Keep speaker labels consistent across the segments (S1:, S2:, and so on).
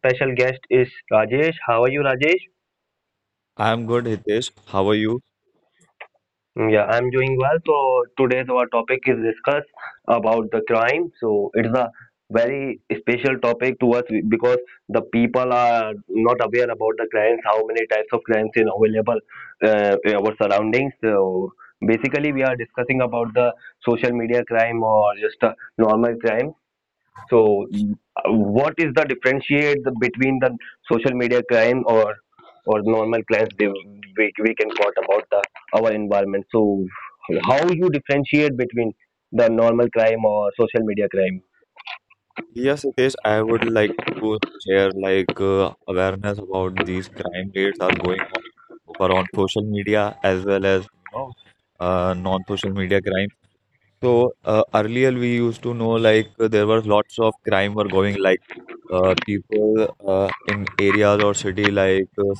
S1: special guest is Rajesh. How are you, Rajesh?
S2: I'm good, Hitesh. How are you?
S1: Mm, yeah, I'm doing well. So today's our topic is discuss about the crime. So it's a very special topic to us because the people are not aware about the crimes, how many types of crimes are available in our surroundings. So basically, we are discussing about the social media crime or just a normal crime. So, what is the differentiate between the social media crime or normal crimes they, we can talk about the our environment? So, how you differentiate between the normal crime or social media crime?
S2: Yes, Hitesh, I would like to share awareness about these crime rates are going on over on social media as well as non-social media crime. So earlier we used to know there were lots of crime were going people in areas or city like uh,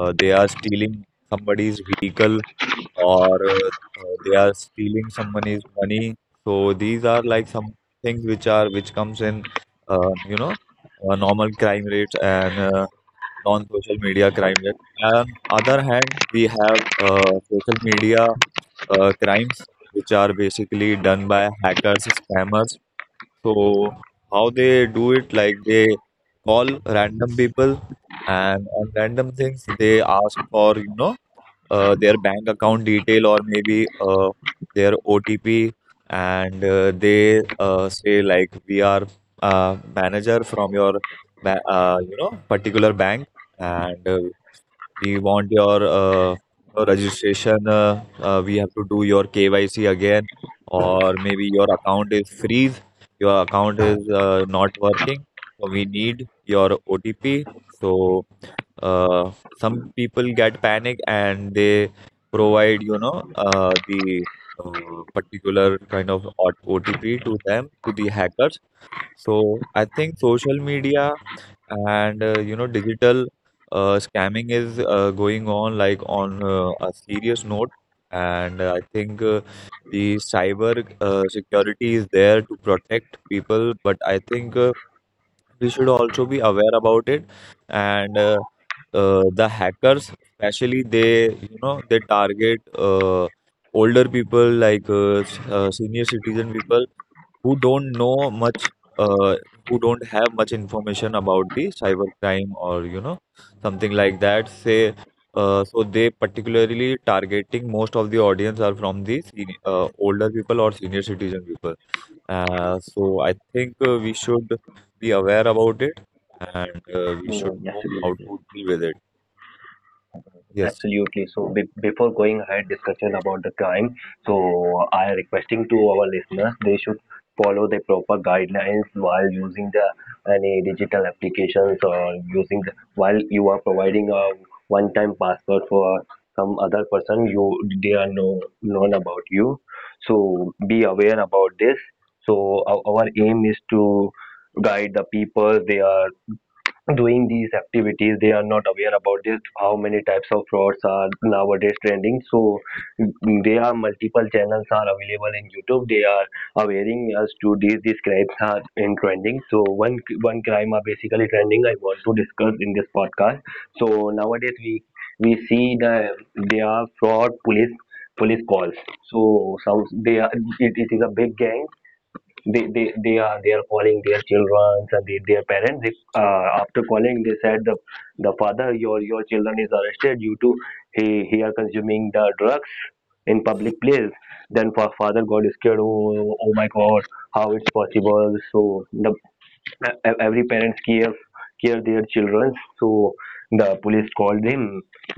S2: uh, they are stealing somebody's vehicle or they are stealing someone's money. So these are like some things which comes in, uh, you know, normal crime rates and non-social media crime rate. And other hand, we have social media crimes which are basically done by hackers, spammers. So how they do it, like they call random people and on random things they ask for, their bank account detail or maybe their OTP, and they say like we are manager from your particular bank, and we want your registration. We have to do your KYC again, or maybe your account is freeze, your account is not working, so we need your OTP. So some people get panic and they provide, the particular kind of OTP to them, to the hackers. So I think social media and digital scamming is going on like on a serious note, and I think the cyber security is there to protect people, but I think we should also be aware about it and the hackers especially they you know they target older people like senior citizen people who don't know much, uh, who don't have much information about the cybercrime or something like that. So they particularly targeting most of the audience are from the older people or senior citizen people. So I think we should be aware about it and we should
S1: Mm, yes,
S2: know
S1: it
S2: how
S1: is.
S2: to deal with it. Yes,
S1: Absolutely. So before going ahead discussion about the crime, so I requesting to our listeners they should follow the proper guidelines while using the any digital applications or using the, while you are providing a one-time password for some other person you they are know known about you. So be aware about this. So our aim is to guide the people they are doing these activities they are not aware about this, how many types of frauds are nowadays trending. So mm, there are multiple channels are available in YouTube they are awareing us to these crimes are in trending. So one crime are basically trending I want to discuss in this podcast. So nowadays we see the there are fraud police calls. So some they are, it is a big gang, they are they are calling their children and they, their parents they, after calling they said the father, your children is arrested due to he are consuming the drugs in public place. Then father got scared. Oh, oh my God, how it's possible? So the every parents care their children. So the police called him,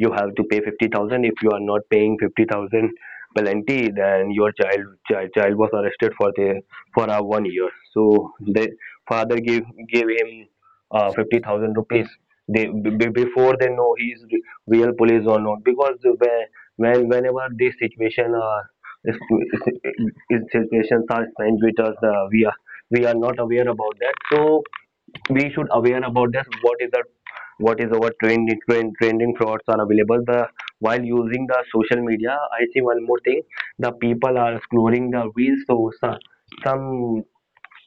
S1: you have to pay 50,000, if you are not paying 50,000 penalty then your child was arrested for the for a 1 year. So the father gave him 50,000 rupees, they before they know he is real police or not. Because the when whenever this situation is, is, is situations are strange with us, we are not aware about that. So we should aware about this, what is the what is our trending trending frauds are available the while using the social media. I see one more thing, the people are exploring the reels. So some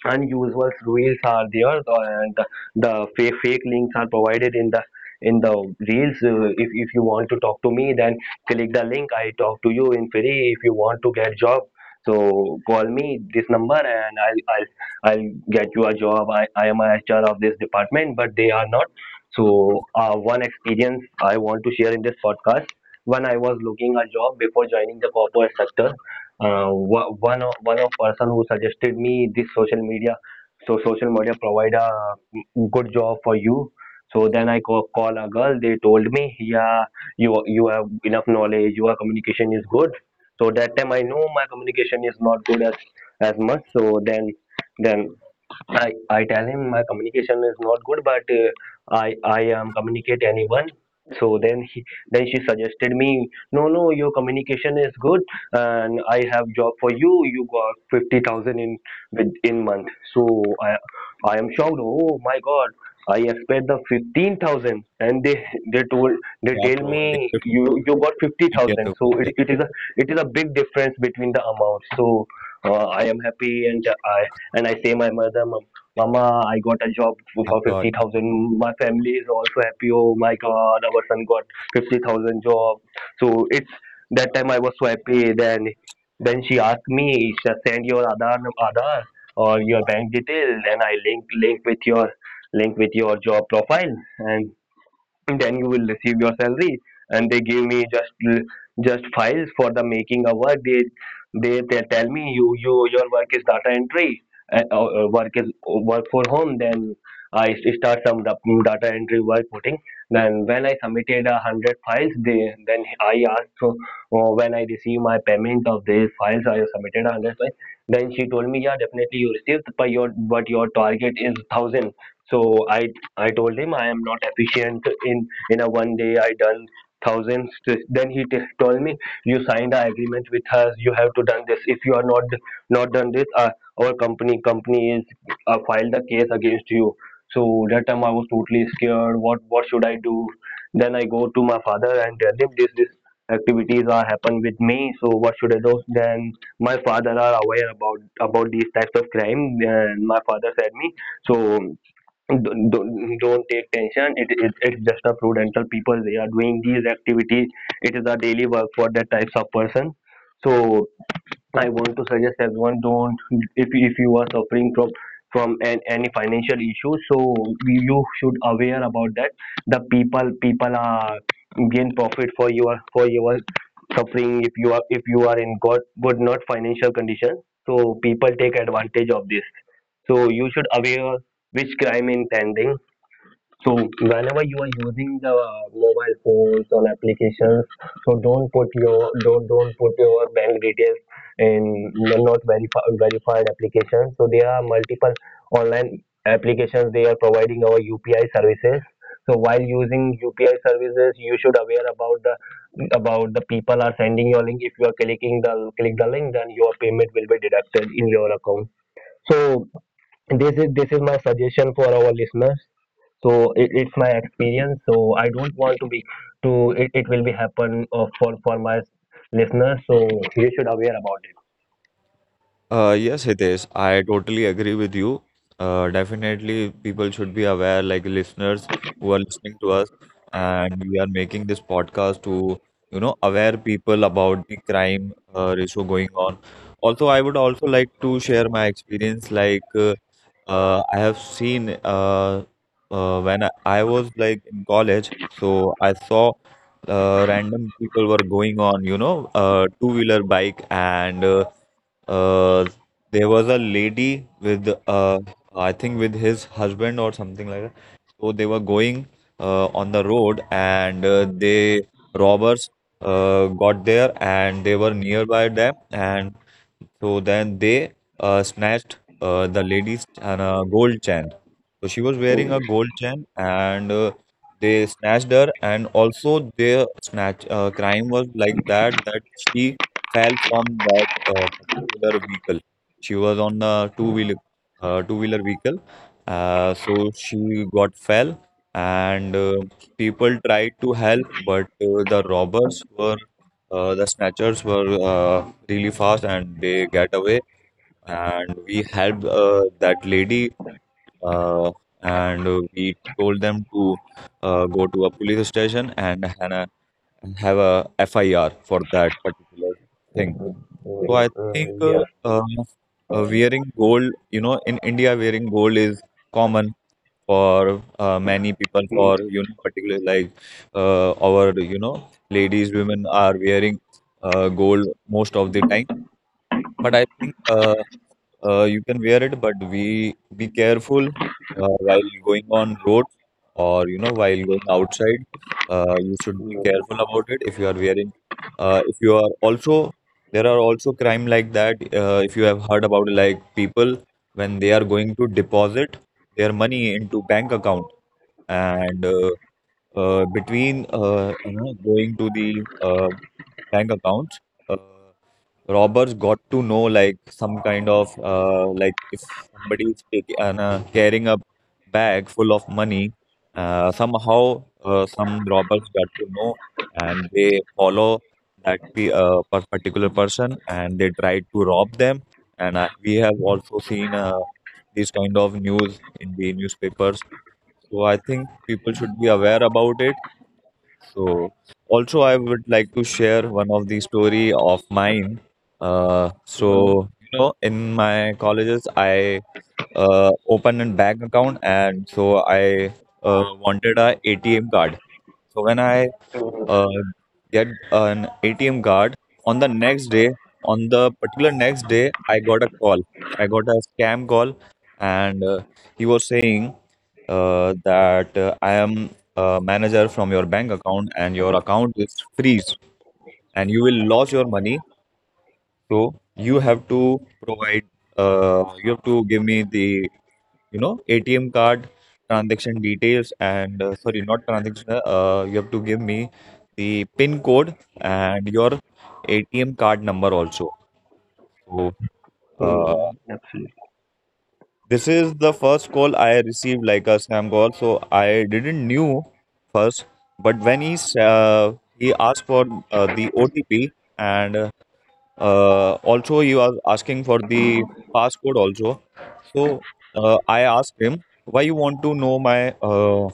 S1: unusual reels are there and the fake links are provided in the reels. If you want to talk to me then click the link, I talk to you in free. If you want to get job, so call me this number and I'll get you a job. I am a HR of this department, but they are not. So one experience I want to share in this podcast. When I was looking a job before joining the corporate sector, one of person who suggested me this social media, so social media provide a good job for you. So then I call, call a girl, they told me yeah, you have enough knowledge, your communication is good. So that time I know my communication is not good as much. So then I tell him my communication is not good, but I am communicate anyone. So then he then she suggested me, no no, your communication is good, and I have job for you. You got 50,000 in with in month. So I am shocked. Oh my God. I expect the 15,000, and they told they
S2: they are
S1: tell
S2: providing
S1: me you
S2: 50,000
S1: you got fifty
S2: Indian
S1: thousand. So
S2: rupees.
S1: it,
S2: Yeah,
S1: it is a it is a big difference between the amounts. So I am happy and I say my mother, Mama, I got a job
S2: I
S1: for
S2: got.
S1: 50,000. My family is also happy. Oh my God, our son got 50,000 job. So it's that time I was so happy. Then she asked me, she send your Aadhaar, Aadhaar or your bank detail. Then I link with your link with your job profile, and then you will receive your salary. And they give me just files for the making a work. They tell me you you your work is data entry work is work for home. Then I start some data entry work putting. Then when I submitted 100 files, they then I asked, so when I receive my payment of these files, I have submitted 100 files. Then she told me yeah definitely you received, but your target is thousand. So i I told him I am not efficient in a one day. I done thousands. Then he told me you signed an agreement with us, you have to done this. If you are not done this, our company is filed the case against you. So that time I was totally scared. What should I do? Then I go to my father and tell him this this activities are happen with me. So what should I do? Then my father are aware about these types of crime. And my father said me, so don't don't take tension, it it's just a prudential people, they are doing these activities, it is a daily work for that types of person. So I want to suggest everyone, don't, if you are suffering from an, any financial issue, so you should aware about that the people are gain profit for your suffering. If you are, if you are in good not financial condition, so people take advantage of this. So you should aware which crime intending. So whenever you are using the mobile phones on applications, so don't put your don't put your bank details in not verified verified applications. So there are multiple online applications they are providing our UPI services. So while using UPI services, you should aware about the people are sending your link. If you are clicking the click the link, then your payment will be deducted in your account. So this is my suggestion for our listeners. So it, it's my experience, so I don't want to be to, it will be happen for my listeners. So you should aware about it.
S2: Yes, it is. I totally agree with you. Definitely, people should be aware, like listeners who are listening to us, and we are making this podcast to, you know, aware people about the crime ratio going on. Also, I would also like to share my experience. I have seen when I was like in college, so I saw random people were going on, two-wheeler bike and uh, there was a lady with I think with his husband or something like that. So they were going on the road, and they robbers got there, and they were nearby them, and so then they snatched the lady's and a gold chain. So she was wearing
S1: Mm,
S2: a gold chain, and they snatched her. And also, their snatch crime was like that she fell from that particular vehicle. She was on a two-wheeler vehicle, so she got fell, and people tried to help, but the robbers were the snatchers were really fast, and they get away. And we helped that lady, uh, and we told them to go to a police station and have a FIR for that particular thing. So I think
S1: yeah.
S2: uh, wearing gold, you know, in India, wearing gold is common for many people. For particularly our ladies, women are wearing gold most of the time. But I think you can wear it, but we be careful while going on road or while going outside. You should be careful about it if you are wearing. If you are also there are also crime like that. If you have heard about like people when they are going to deposit their money into bank account and between going to the bank accounts. Uh, Robbers got to know like some kind of like if somebody is taking carrying a bag full of money somehow some robbers got to know and they follow that particular person and they try to rob them, and we have also seen these kind of news in the newspapers. So I think people should be aware about it. So also I would like to share one of the story of mine.
S1: Mm,
S2: So you know, in my colleges I opened a bank account, and so I wanted a ATM card. So when I
S1: mm,
S2: uh, get an ATM card, on the next day, on the particular next day, I got a call. I got a scam call, and he was saying that I am a manager from your bank account, and your account is freeze, and you will lose your money. So you have to provide. You have to give me the, you know, ATM card transaction details and sorry, not transaction, you have to give me the pin code and your ATM card number also. So uh,
S1: absolutely.
S2: this is the first call I received, like a scam call. So I didn't knew first, but when he he asked for the OTP, and also he was asking for the passcode also. So I asked him, why you want to know my uh,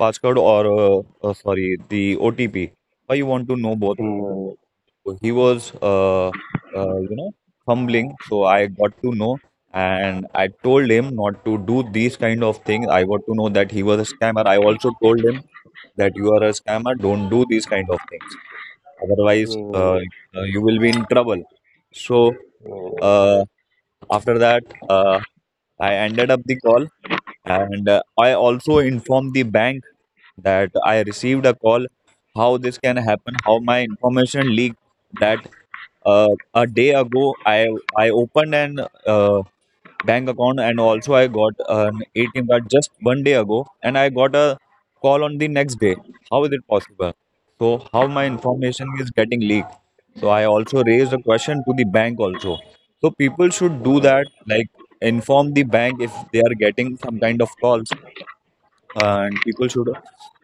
S2: passcode or sorry, the OTP. Why you want to know both?
S1: Mm,
S2: So he was, you know, fumbling. So I got to know, and I told him not to do these kind of things. I got to know that he was a scammer. I also told him that you are a scammer. Don't do these kind of things. Otherwise,
S1: mm,
S2: you will be in trouble. So
S1: mm,
S2: uh, after that, I ended up the call. And I also informed the bank that I received a call. How this can happen, how my information leaked that a day ago I opened an uh, bank account, and also I got an ATM card just one day ago, and I got a call on the next day. How is it possible? So how my information is getting leaked? So I also raised a question to the bank also. So people should do that, like inform the bank if they are getting some kind of calls, and people should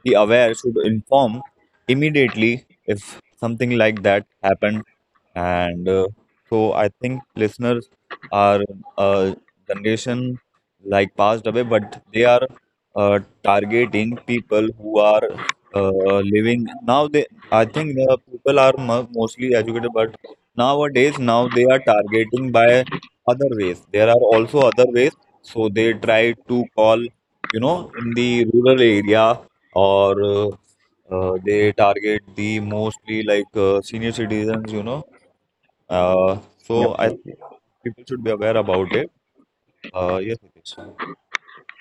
S2: be aware, should inform immediately if something like that happened. And so I think listeners are a generation like passed away, but they are targeting people who are living now. They, I think the people are mostly educated, but nowadays now they are targeting by other ways. There are also other ways, so they try to call, you know, in the rural area or they target the mostly like senior citizens, you know. So I
S1: absolutely.
S2: people should be aware about it. Yes,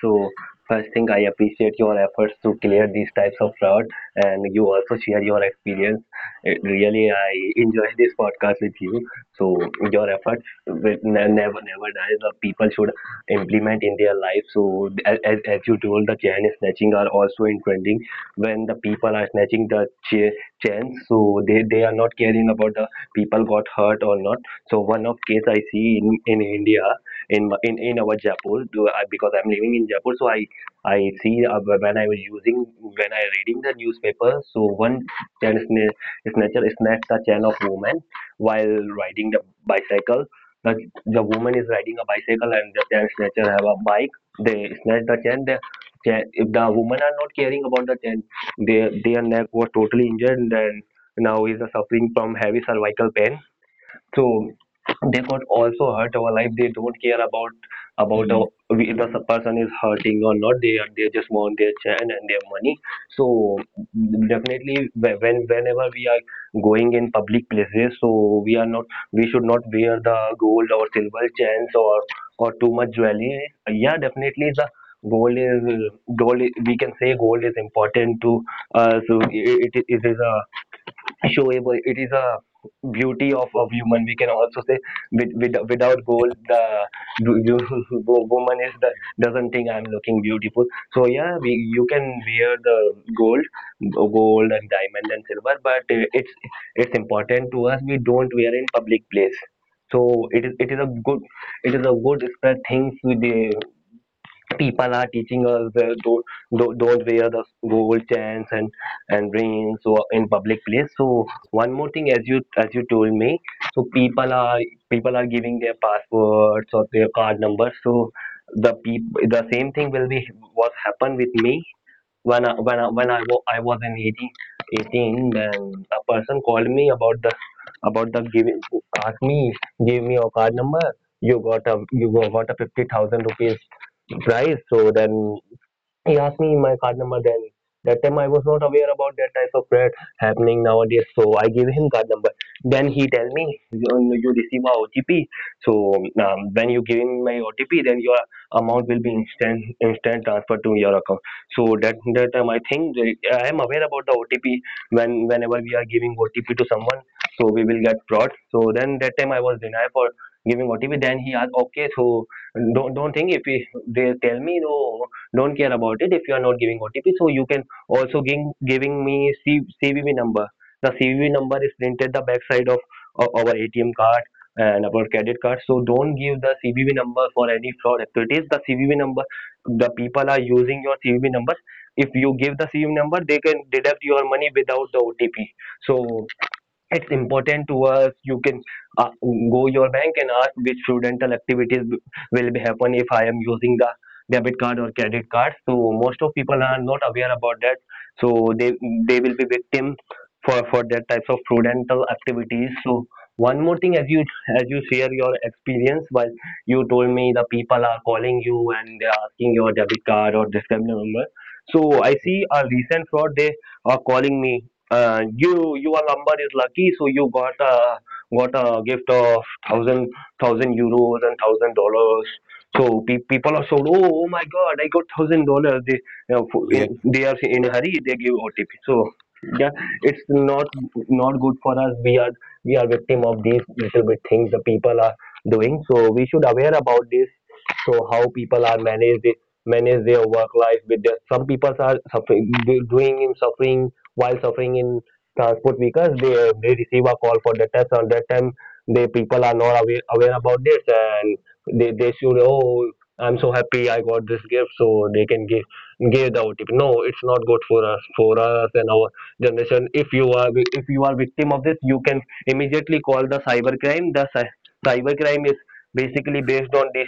S1: So first thing, I appreciate your efforts to clear these types of fraud, and you also share your experience. It, really, I enjoyed this podcast with you. So your efforts will never never die. The people should implement in their life. So as you told, the chain snatching are also in trending. When the people are snatching the chains, so they are not caring about the people got hurt or not. So one of case I see in India in in our Jaipur do because I'm living in Jaipur. So I see when I was using when I reading the newspaper. So one can snatcher snatched the chain of woman while riding the bicycle. The, the woman is riding a bicycle and the chain snatcher have a bike. They snatch the chain. The chain, if the women are not caring about the chain, their neck was totally injured and now is suffering from heavy cervical pain. So they could also hurt our life, they don't care about
S2: it
S1: our, we, the person is hurting or not, they are- they just want their chance and their money. So definitely when whenever we are going in public places, so we are not we should not wear the gold or silver chains or too much jewelry. Yeah definitely the gold is gold, we can say gold is important to us. So it is a showable. It is a beauty of human. We can also say without gold, the woman is the doesn't think I'm looking beautiful. So yeah, we you can wear the gold, and diamond and silver, but it's important to us. We don't wear in public place. So it is a good it is a good spread things with the people are teaching us, don't wear the gold chains and rings, so in public place. So one more thing, as you told me, so people are giving their passwords or their card numbers, so the same thing will be what happened with me when I was in 18. Then a person called me about the giving, asked me, "Give me your card number. You got a 50,000 rupees prize." So then he asked me my card number. Then that time I was not aware about that type of threat happening nowadays, so I gave him card number. Then he tell me, You receive a OTP, so when you give him my OTP, then your amount will be instant transfer to your account." So that time I think that I am aware about the OTP. Whenever we are giving OTP to someone, so we will get fraud. So then that time I was denied for giving OTP. Then he asked, "Okay, so don't think." If they tell me, "No, don't care about it if you are not giving OTP. So you can also giving me CVV number." The CVV number is printed the backside of our ATM card and our credit card. So don't give the CVV number for any fraud activities. The CVV number, the people are using your CVV numbers. If you give the CVV number, they can deduct your money without the OTP. So it's important to us. You can, uh, go your bank and ask which prudential activities will be happen if I am using the debit card or credit card. So most of people are not aware about that, so they they will be victim for that types of prudential activities. So one more thing, as you share your experience, while you told me the people are calling you and they are asking your debit card or this kind of number. So I see a recent fraud. They are calling me, Your number is lucky, so you got a gift of €1,000 and $1,000." So people are shocked. "Oh, oh my God, I got $1,000." They you know, for-
S2: is.
S1: in they are in a hurry. They give OTP. So yeah, it's not good for us. We are victim of these little bit things the people are doing. So we should aware about this. So how people are manage their work life with their, some people are suffering, doing in suffering while suffering in transport vehicles. They receive a call for the test. On that time the people are not aware about this and they should, "Oh, I'm so happy, I got this gift," so they can give the OTP. No, it's not good for us and our generation. If you are victim of this, you can immediately call the cyber crime. The cyber crime is basically based on this,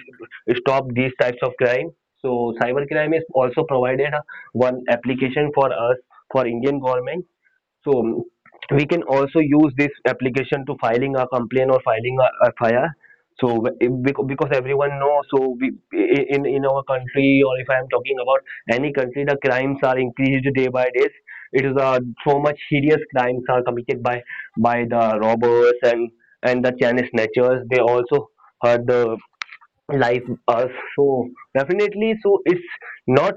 S1: stop these types of crime. So cyber crime is also provided one application for us, for Indian government. So we can also use this application to filing a complaint or filing a. Because everyone knows, so we, in our country, or if I am talking about any country, the crimes are increased day by day. It is a so much serious. Crimes are committed by the robbers and the Chinese snatchers. They also hurt the Life us, so definitely, so it's not,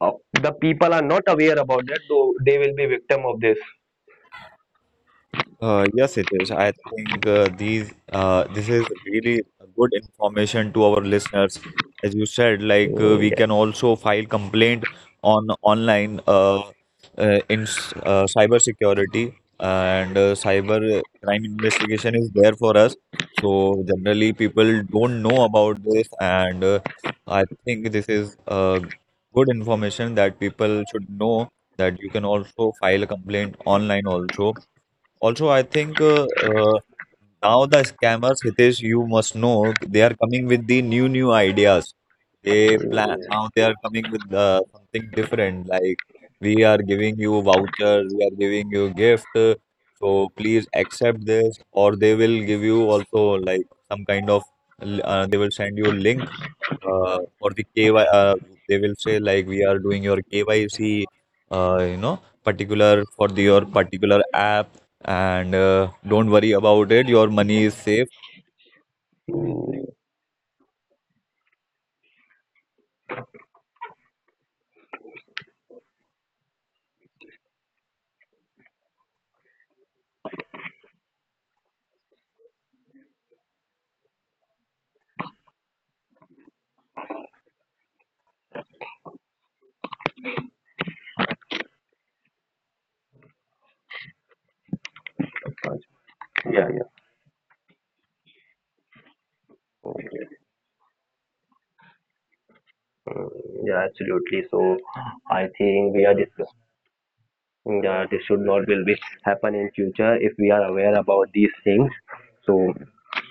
S1: uh, the people are not aware about that, though they will be victim of this.
S2: Yes, it is. I think these this is really good information to our listeners. As you said,
S1: Mm,
S2: we
S1: yeah.
S2: can also file complaint on online in cyber security, and cyber crime investigation is there for us. So generally, people don't know about this, and I think this is good information that people should know that you can also file a complaint online also. Also, I think uh, now the scammers, Hitesh, you must know, they are coming with the new, new ideas. They plan
S1: Mm,
S2: now. They are coming with something different. Like we are giving you vouchers, we are giving you gift. So please accept this, or they will give you also like some kind of. They will send you link for the KY, uh, they will say like we are doing your KYC, uh, you know, particular for the, your particular app, and don't worry about it. Your money is safe.
S1: yeah, yeah. Mm, yeah, absolutely. So I think we are discussing. Yeah, this should not will be happen in future if we are aware about these things. So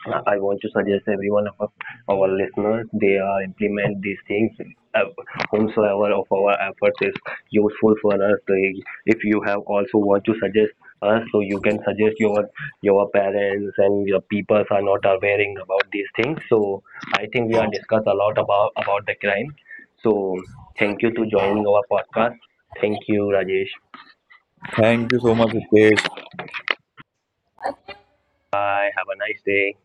S1: I want to suggest every one of our listeners, they are implement these things. Uh, Whomsoever of our efforts is useful for us. They, if you have also want to suggest us, so you can suggest your parents and your peoples are not awareing about these things. So I think we are discussed a lot about the crime. So thank you to joining our podcast. Thank you, Rajesh.
S2: Thank you so much, Hitesh,
S1: Bye. Have a nice day.